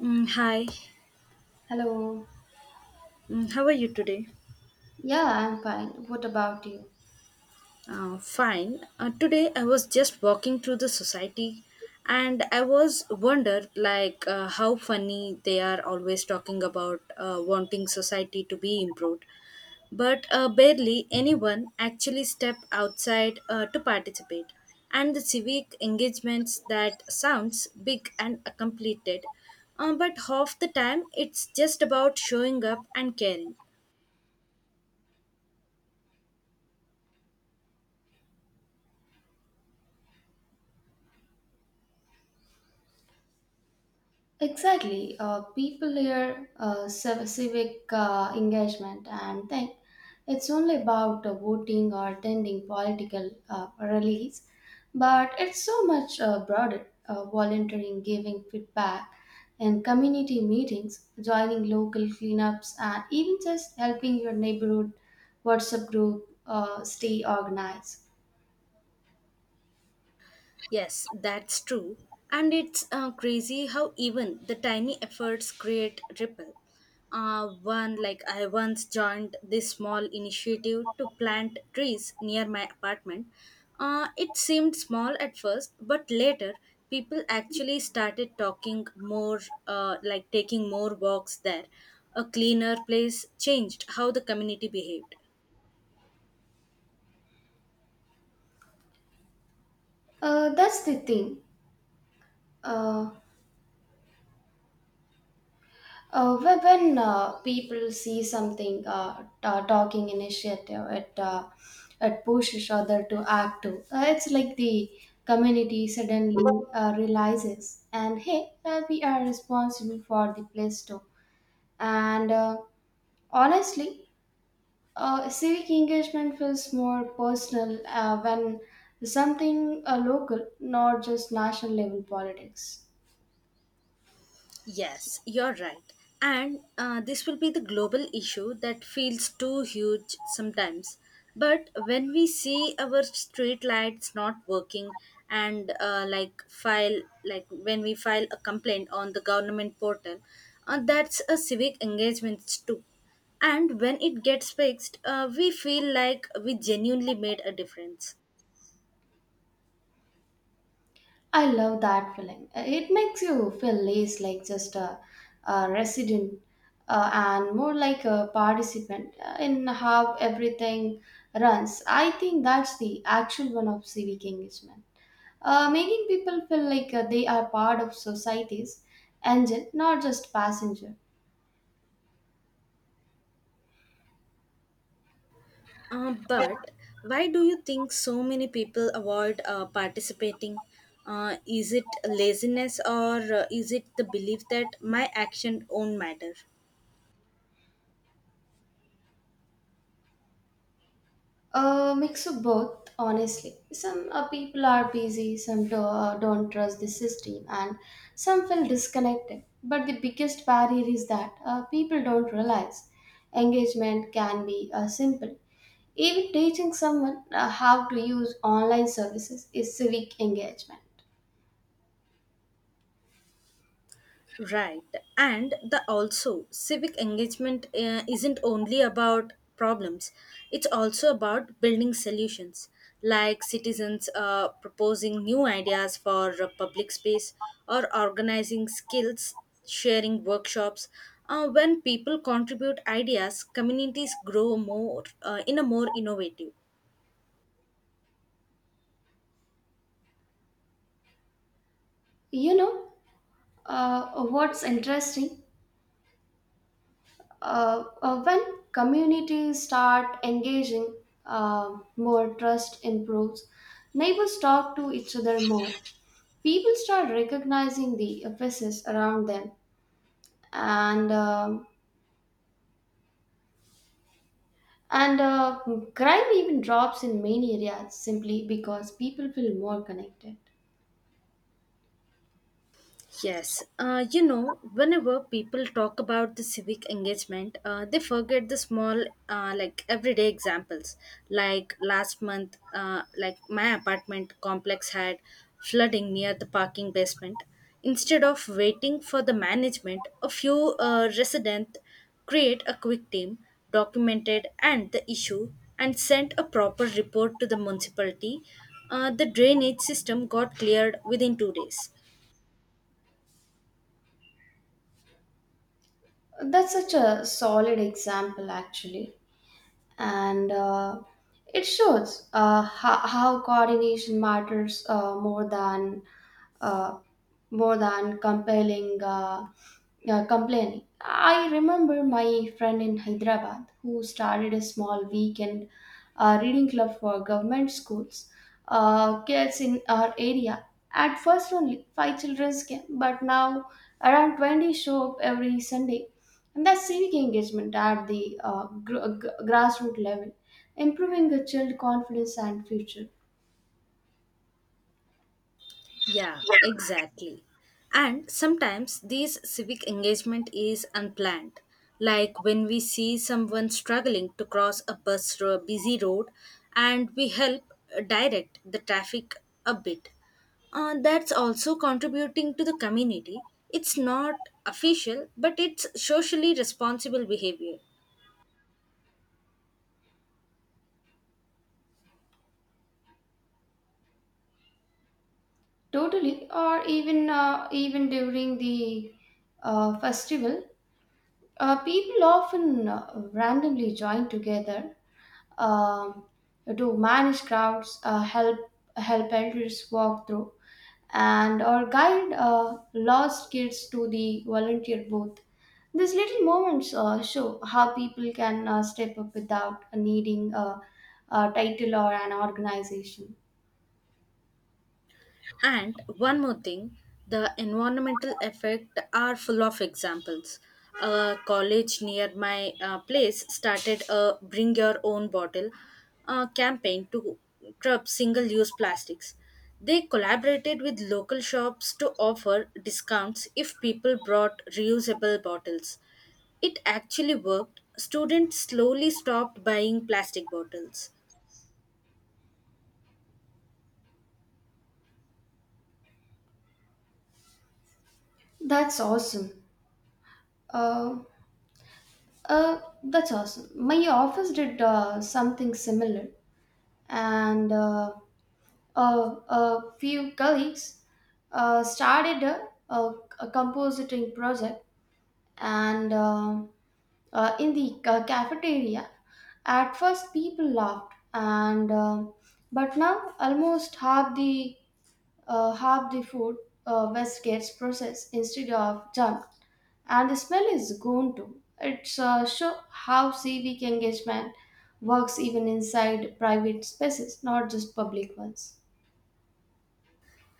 Mm, hi, Hello. How are you today? Yeah, I'm fine. What about you? Fine. Today I was just walking through the society and I was wondered how funny they are always talking about wanting society to be improved. But barely anyone actually step outside to participate. And the civic engagements that sounds big and completed, but half the time it's just about showing up and caring. Exactly. People hear civic engagement and think it's only about voting or attending political rallies, but it's so much broader. Volunteering, giving feedback, and community meetings, joining local cleanups, and even just helping your neighborhood WhatsApp group stay organized. Yes, that's true. And it's crazy how even the tiny efforts create ripple. One, like I once joined this small initiative to plant trees near my apartment. It seemed small at first, but later people actually started talking more, like taking more walks there. A cleaner place changed how the community behaved. That's the thing. Uh, when people see something ta talking initiative, it pushes other to act too. It's like the community suddenly realizes, and hey, we are responsible for the place too. And Honestly, civic engagement feels more personal when something local, not just national level politics. Yes, you're right. And this will be the global issue that feels too huge sometimes. But when we see our street lights not working and like file like when we file a complaint on the government portal, that's a civic engagement too. And when it gets fixed, we feel like we genuinely made a difference. I love that feeling. It makes you feel less like just a resident and more like a participant in how everything runs. I think that's the actual one of civic engagement. Making people feel like they are part of society's engine, not just passenger. But why do you think so many people avoid participating? Is it laziness or is it the belief that my action won't matter? A mix of both, honestly. Some people are busy, some don't trust the system, and some feel disconnected. But the biggest barrier is that people don't realize engagement can be simple. Even teaching someone how to use online services is civic engagement. Right. And the also civic engagement isn't only about problems. It's also about building solutions like citizens proposing new ideas for public space or organizing skills sharing workshops. When people contribute ideas, communities grow more in a more innovative. You know what's interesting? When communities start engaging, more trust improves, neighbors talk to each other more, people start recognizing the emphasis around them and um, and crime even drops in many areas simply because people feel more connected. Yes, you know, whenever people talk about the civic engagement, they forget the small, everyday examples. Like last month, my apartment complex had flooding near the parking basement. Instead of waiting for the management, a few residents create a quick team, documented and the issue, and sent a proper report to the municipality. The drainage system got cleared within 2 days. That's such a solid example, actually. And It shows how coordination matters uh, more than compelling complaining. I remember my friend in Hyderabad who started a small weekend reading club for government schools kids in our area. At first, only five children came, but now around 20 show up every Sunday. And that's civic engagement at the grassroots level, improving the child confidence and future. Yeah, exactly. And sometimes these civic engagement is unplanned. Like when we see someone struggling to cross a bus or a busy road and we help direct the traffic a bit. That's also contributing to the community. It's not official, but it's socially responsible behavior. Totally, or even during the festival, people often randomly join together, um, to manage crowds, help elders walk through, and or guide lost kids to the volunteer booth. These little moments show how people can step up without needing a title or an organization. And one more thing, the environmental effect are full of examples. A college near my place started a bring your own bottle campaign to curb single use plastics. They collaborated with local shops to offer discounts if people brought reusable bottles. It actually worked. Students slowly stopped buying plastic bottles. That's awesome. Uh, that's awesome. My office did something similar. And A few colleagues started a compositing project and in the cafeteria. At first people laughed, and but now almost half the food waste gets processed instead of junk, and the smell is gone too. It's show how civic engagement works even inside private spaces, not just public ones.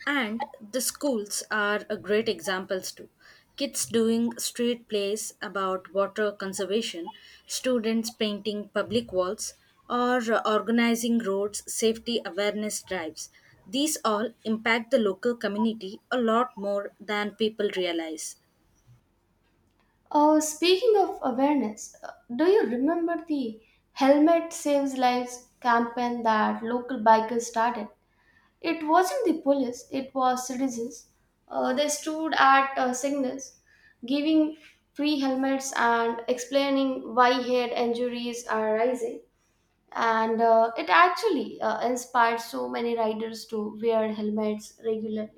And the schools are a great examples too. Kids doing street plays about water conservation, students painting public walls, or organizing roads safety awareness drives. These all impact the local community a lot more than people realize. Speaking of awareness, do you remember the Helmet Saves Lives campaign that local bikers started? It wasn't the police, it was citizens. They stood at signals, giving free helmets and explaining why head injuries are rising. And it actually inspired so many riders to wear helmets regularly.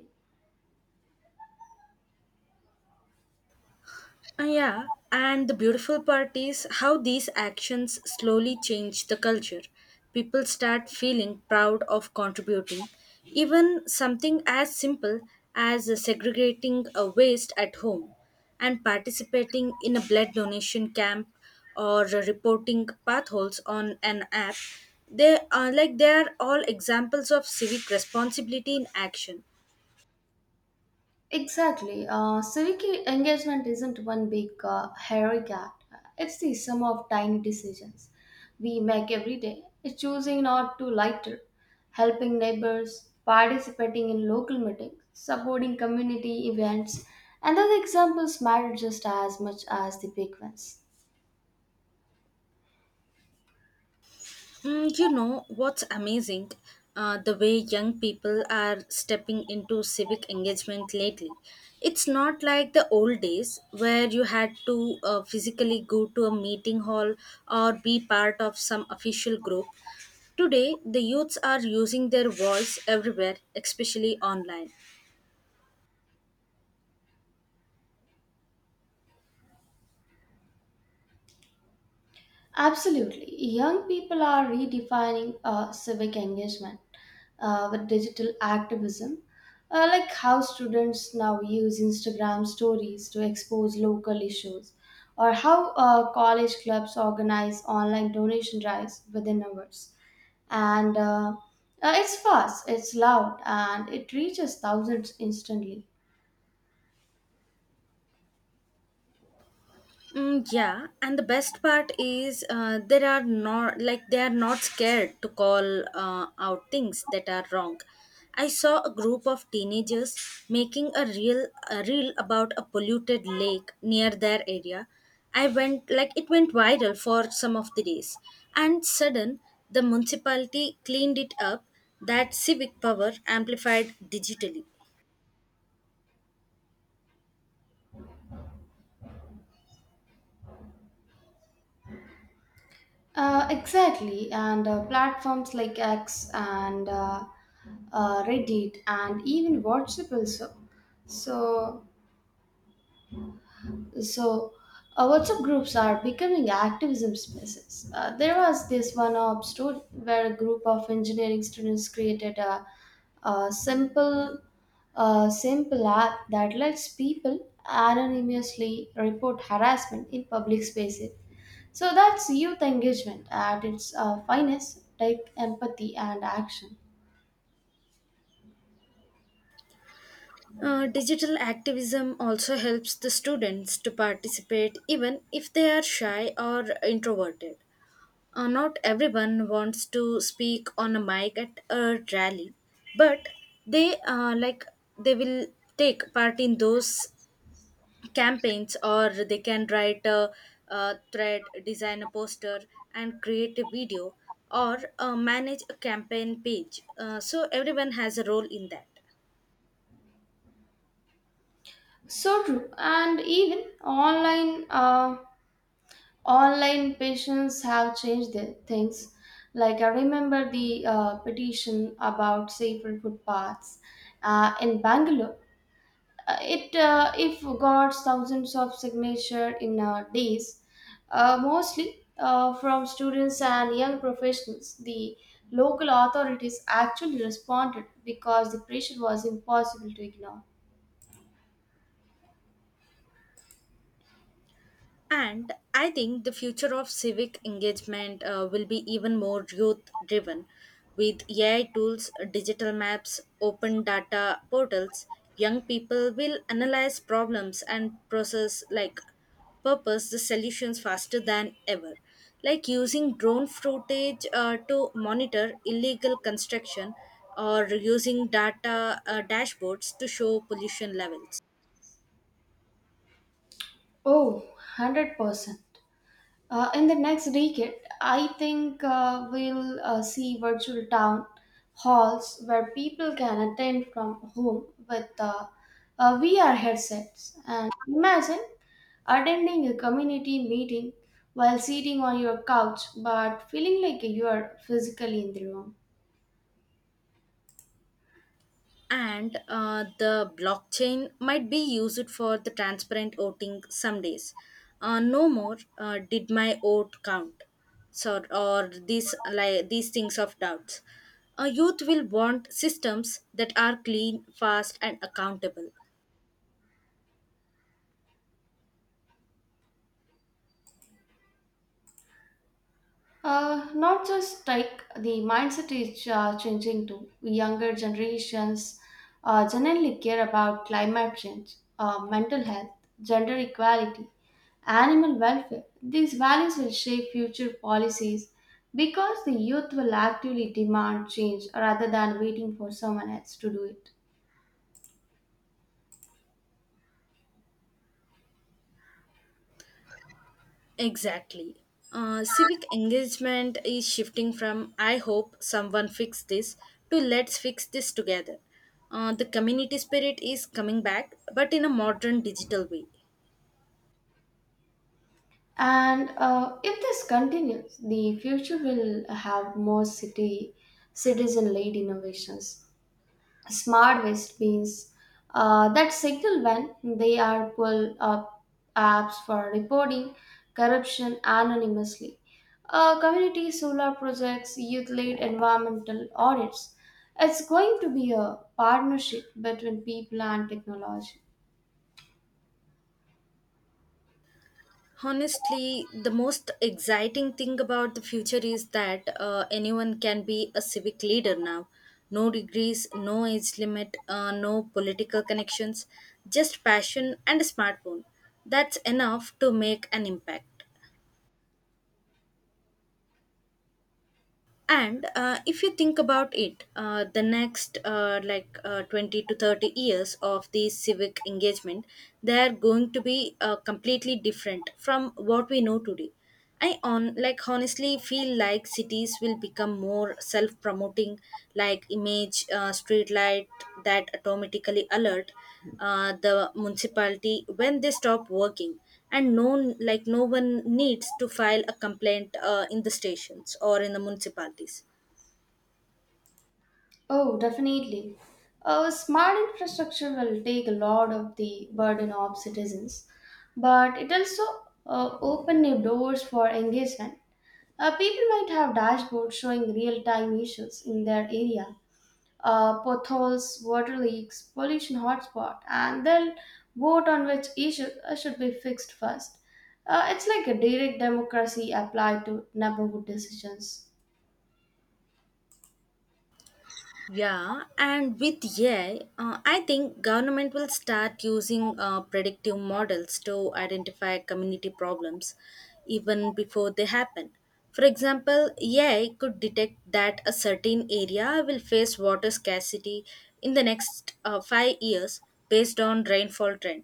Yeah, and the beautiful part is how these actions slowly change the culture. People start feeling proud of contributing. Even something as simple as segregating a waste at home and participating in a blood donation camp or reporting potholes on an app, they are like they are all examples of civic responsibility in action. Exactly. Civic engagement isn't one big heroic act. It's the sum of tiny decisions we make every day. It's choosing not to litter, helping neighbors, participating in local meetings, supporting community events, and those examples matter just as much as the big ones. Mm, you know what's amazing? The way young people are stepping into civic engagement lately. It's not like the old days where you had to physically go to a meeting hall or be part of some official group. Today, the youths are using their voice everywhere, especially online. Absolutely. Young people are redefining civic engagement with digital activism, like how students now use Instagram stories to expose local issues, or how college clubs organize online donation drives within hours. And It's fast, it's loud, and it reaches thousands instantly. Mm, yeah, and the best part is there are not like they are not scared to call out things that are wrong. I saw a group of teenagers making a reel about a polluted lake near their area. I went like It went viral for some of the days, and sudden the municipality cleaned it up. That civic power amplified digitally. Exactly, and platforms like X and Reddit, and even WhatsApp also. So, so WhatsApp groups are becoming activism spaces. There was this one up story where a group of engineering students created a simple, a simple app that lets people anonymously report harassment in public spaces. So that's youth engagement at its finest, take empathy and action. Digital activism also helps the students to participate even if they are shy or introverted. Not everyone wants to speak on a mic at a rally, but they uh, like they will take part in those campaigns, or they can write a thread, design a poster, and create a video or manage a campaign page. So everyone has a role in that. So true, and even online online patients have changed their things. Like I remember the petition about safer footpaths in Bangalore. It if got thousands of signature in days, mostly from students and young professionals. The local authorities actually responded because the pressure was impossible to ignore. And I think the future of civic engagement will be even more youth driven with AI tools, digital maps, open data portals. Young people will analyze problems and process like purpose the solutions faster than ever. Like using drone footage to monitor illegal construction or using data dashboards to show pollution levels. Oh, 100%. In the next decade, I think we'll see virtual town halls where people can attend from home with VR headsets. And imagine attending a community meeting while sitting on your couch but feeling like you are physically in the room. And the blockchain might be used for the transparent voting some days. No more did my vote count, so or these things of doubts. A youth will want systems that are clean, fast, and accountable. Not just the mindset is changing too. Younger generations generally care about climate change, mental health, gender equality, animal welfare. These values will shape future policies because the youth will actively demand change rather than waiting for someone else to do it. Exactly. Civic engagement is shifting from I hope someone fix this to let's fix this together. The community spirit is coming back, but in a modern digital way. And If this continues, the future will have more city citizen-led innovations, smart waste bins that signal when they are pull up, apps for reporting corruption anonymously. Community solar projects, youth led environmental audits. It's going to be a partnership between people and technology. Honestly, the most exciting thing about the future is that anyone can be a civic leader now. No degrees, no age limit, no political connections, just passion and a smartphone. That's enough to make an impact. And if you think about it the next like 20 to 30 years of the civic engagement, they're going to be completely different from what we know today. I on like Honestly feel like cities will become more self promoting, like image street light that automatically alert the municipality when they stop working, and no one needs to file a complaint in the stations or in the municipalities. Oh, definitely. Smart infrastructure will take a lot of the burden off citizens, but it also open new doors for engagement. People might have dashboards showing real time issues in their area, potholes, water leaks, pollution hotspot, and they'll vote on which issue should be fixed first. It's like a direct democracy applied to neighborhood decisions. Yeah, and with AI, I think government will start using predictive models to identify community problems even before they happen. For example, AI could detect that a certain area will face water scarcity in the next 5 years based on rainfall trend.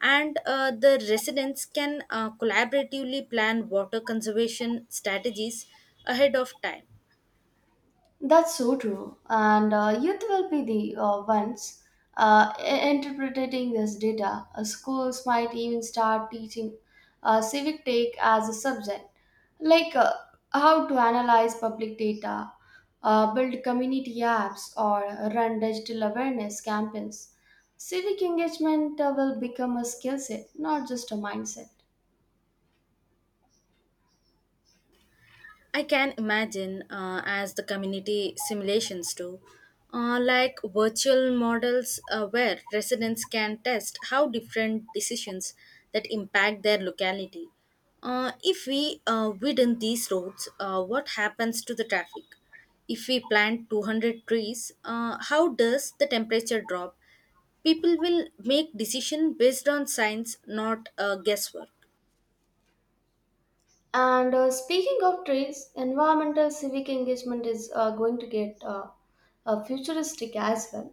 And the residents can collaboratively plan water conservation strategies ahead of time. That's so true. And Youth will be the ones uh, i- interpreting this data. Schools might even start teaching civic take as a subject, like how to analyze public data, build community apps, or run digital awareness campaigns. Civic engagement will become a skill set, not just a mindset. I can imagine as the community simulations do, virtual models where residents can test how different decisions that impact their locality. If we widen these roads, what happens to the traffic? If we plant 200 trees, how does the temperature drop? People will make decision based on science, not guesswork. And Speaking of trees, environmental civic engagement is going to get futuristic as well.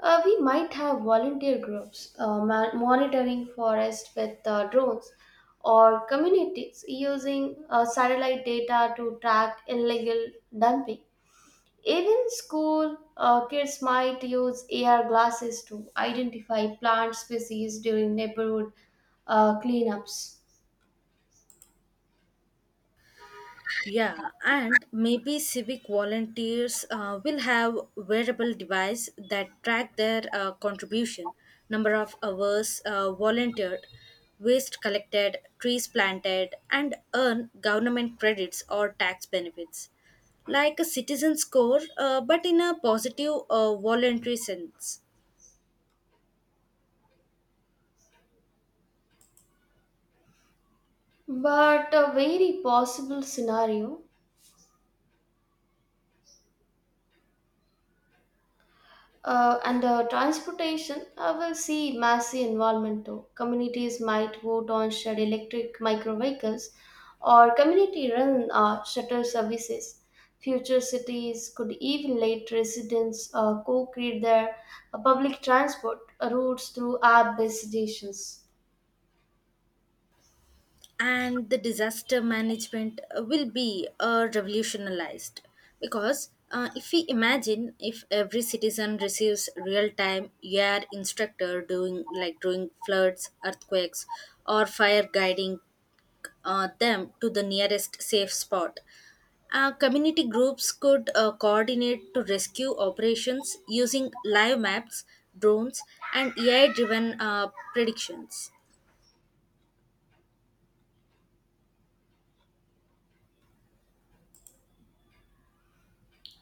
We might have volunteer groups monitoring forest with drones or communities using satellite data to track illegal dumping. Even school kids might use AR glasses to identify plant species during neighborhood cleanups. Yeah, and maybe civic volunteers will have wearable device that track their contribution, number of hours volunteered, waste collected, trees planted, and earn government credits or tax benefits, like a citizen score, but in a positive voluntary sense. But a very possible scenario, and transportation, I will see massive involvement too. Communities might vote on shared electric micro vehicles or community run shuttle services. Future cities could even let residents co create their public transport routes through app based stations. And the disaster management will be revolutionized because if we imagine if every citizen receives real-time air instructor doing during floods, earthquakes or fire, guiding them to the nearest safe spot. Community groups could coordinate to rescue operations using live maps, drones, and ai driven predictions.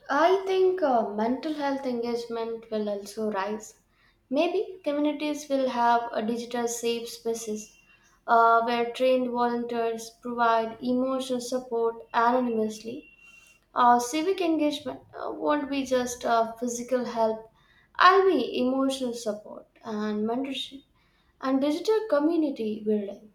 I think mental health engagement will also rise. Maybe communities will have a digital safe spaces where trained volunteers provide emotional support anonymously. Civic engagement won't be just physical help, I'll be emotional support and mentorship and digital community building.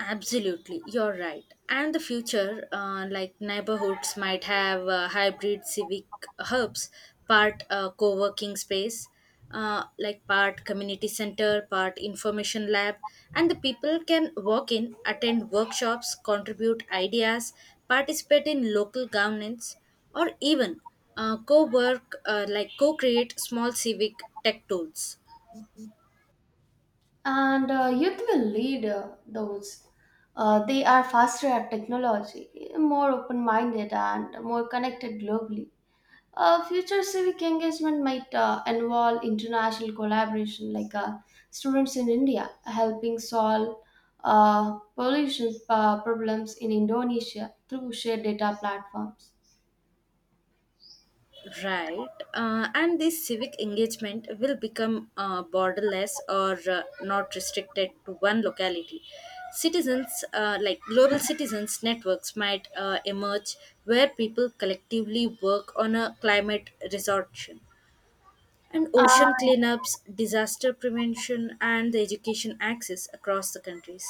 Absolutely, you're right. And the future, neighborhoods, might have hybrid civic hubs, part co working space, part community center, part information lab, and the people can walk in, attend workshops, contribute ideas, participate in local governance, or even co work, like co create small civic tech tools. And Youth will lead those. They are faster at technology, more open minded, and more connected globally. Future civic engagement might involve international collaboration, like students in India helping solve pollution problems in Indonesia through shared data platforms. Right. And this civic engagement will become borderless or not restricted to one locality. Citizens, global citizens networks, might emerge where people collectively work on a climate resorption. And ocean cleanups, disaster prevention, and the education access across the countries.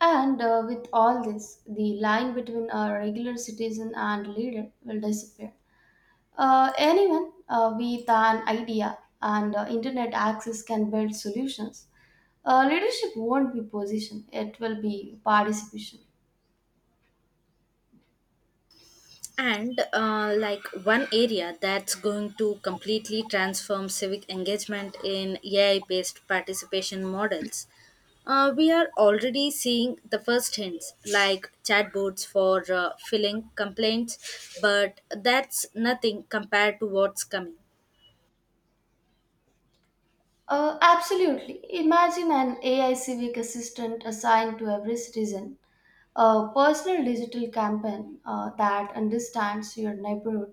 And With all this, the line between a regular citizen and leader will disappear. Anyone with an idea and internet access can build solutions. Leadership won't be position, it will be participation. And one area that's going to completely transform civic engagement in AI based participation models, we are already seeing the first hints like chatbots for filling complaints, but that's nothing compared to what's coming. Absolutely. Imagine an AI civic assistant assigned to every citizen, a personal digital campaign that understands your neighborhood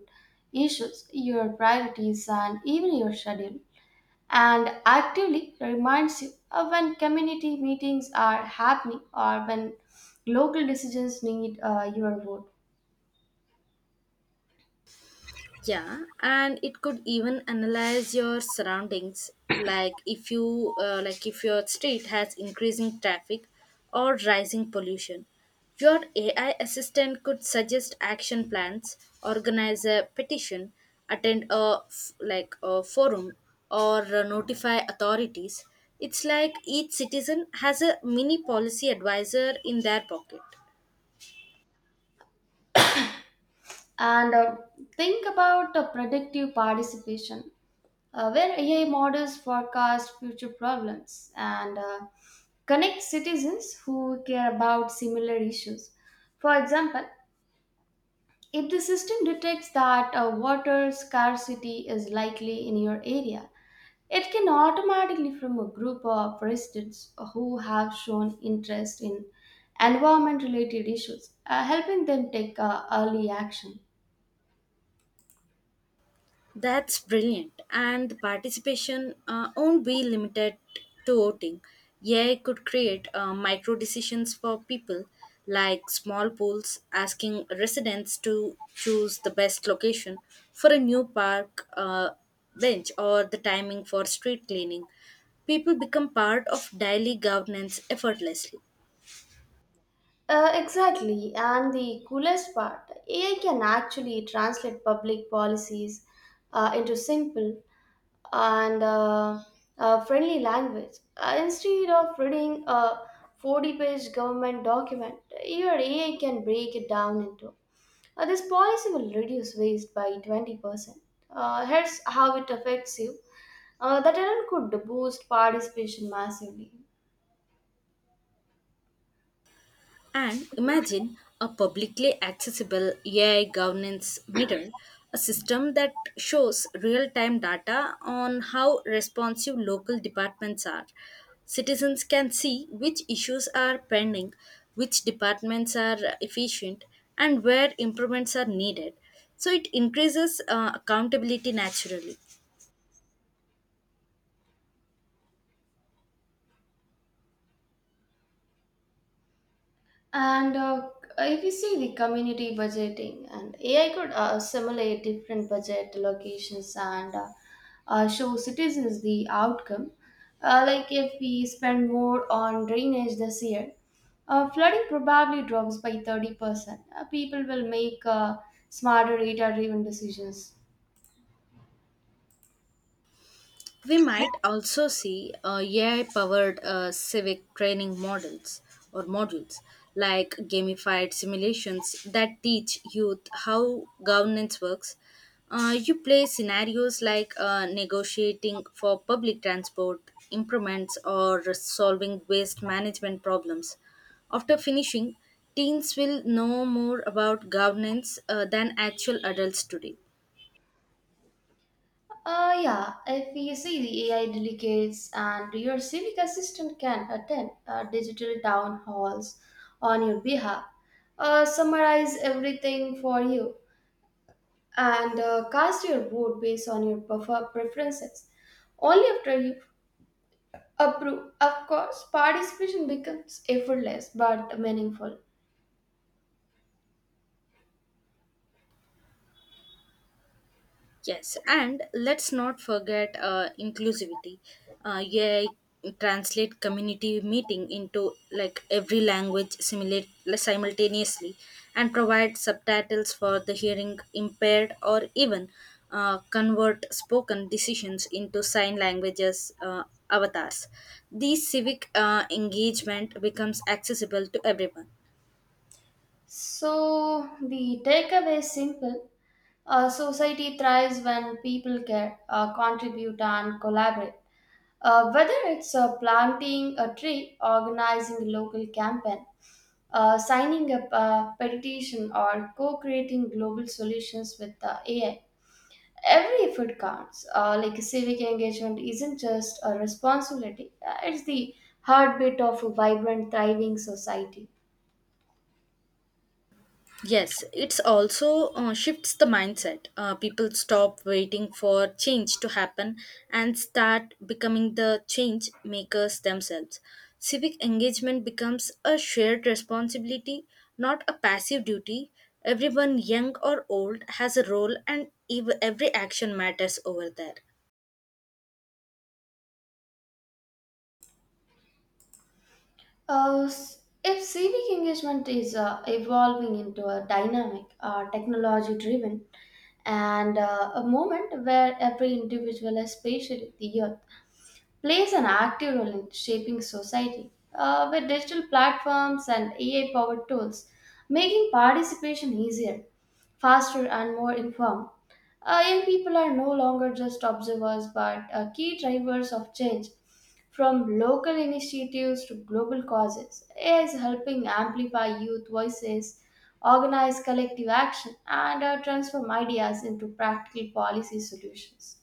issues, your priorities, and even your schedule, and actively reminds you of when community meetings are happening or when local decisions need your vote. Yeah, and it could even analyze your surroundings, like if your street has increasing traffic or rising pollution. Your AI assistant could suggest action plans, organize a petition, attend a f- like a forum, or notify authorities. It's like each citizen has a mini policy advisor in their pocket. And Think about the predictive participation, where AI models forecast future problems and connect citizens who care about similar issues. For example, if the system detects that water scarcity is likely in your area, it can automatically from a group of residents who have shown interest in environment related issues, helping them take early action. That's brilliant. And the participation won't be limited to voting. AI could create micro decisions for people, like small polls asking residents to choose the best location for a new park bench or the timing for street cleaning. People become part of daily governance effortlessly. Exactly, and the coolest part, AI can actually translate public policies into simple and friendly language. Instead of reading a 40-page government document, your AI can break it down into, this policy will reduce waste by 20%. Here's how it affects you. The talent could boost participation massively. And imagine a publicly accessible AI governance mirror, a system that shows real time data on how responsive local departments are. Citizens can see which issues are pending, which departments are efficient, and where improvements are needed. So it increases accountability naturally. And If you see the community budgeting, and AI could simulate different budget allocations and show citizens the outcome. Like if we spend more on drainage this year, flooding probably drops by 30%. People will make smarter data driven decisions. We might also see AI powered civic training models or modules like gamified simulations that teach youth how governance works. You play scenarios like negotiating for public transport improvements or solving waste management problems. After finishing, teens will know more about governance than actual adults today. Yeah, if you see the AI delegates and your civic assistant can attend digital town halls on your behalf, summarize everything for you, and cast your vote based on your preferences. Only after you approve, of course, participation becomes effortless but meaningful. Yes, and let's not forget inclusivity. Yeah, translate community meeting into like every language simulate simultaneously, and provide subtitles for the hearing impaired, or even convert spoken decisions into sign languages avatars. These civic engagement becomes accessible to everyone. So, the takeaway is simple. A society thrives when people care, contribute, and collaborate. Whether it's planting a tree, organizing a local campaign, signing up a petition, or co creating global solutions with AI, every effort counts. Civic engagement isn't just a responsibility, it's the heartbeat of a vibrant, thriving society. Yes, it's also shifts the mindset. People stop waiting for change to happen and start becoming the change makers themselves. Civic engagement becomes a shared responsibility, not a passive duty. Everyone, young or old, has a role, and every action matters over there. If civic engagement is evolving into a dynamic, technology driven, and a moment where every individual, especially the youth, plays an active role in shaping society with digital platforms and AI powered tools, making participation easier, faster, and more informed. Young people are no longer just observers but key drivers of change. From local initiatives to global causes, AI is helping amplify youth voices, organize collective action, and transform ideas into practical policy solutions.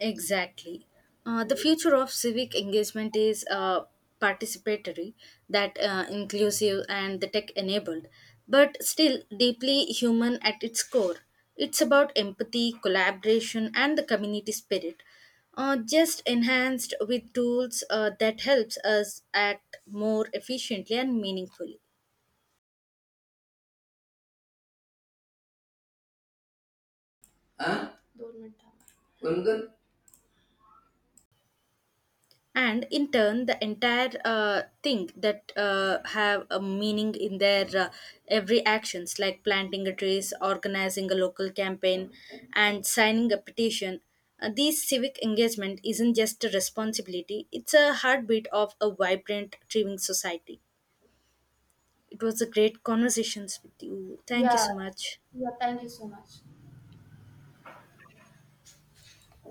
Exactly. The future of civic engagement is participatory, that inclusive and the tech enabled, but still deeply human at its core. It's about empathy, collaboration, and the community spirit, just enhanced with tools that helps us act more efficiently and meaningfully. हाँ दो minute थामा। उनको। And in turn the entire thing that have a meaning in their every actions, like planting a trees, organizing a local campaign, and signing a petition. These civic engagement isn't just a responsibility, it's a heartbeat of a vibrant thriving society. It was a great conversations with you. Thank you Yeah. so much. Yeah. Thank you so much.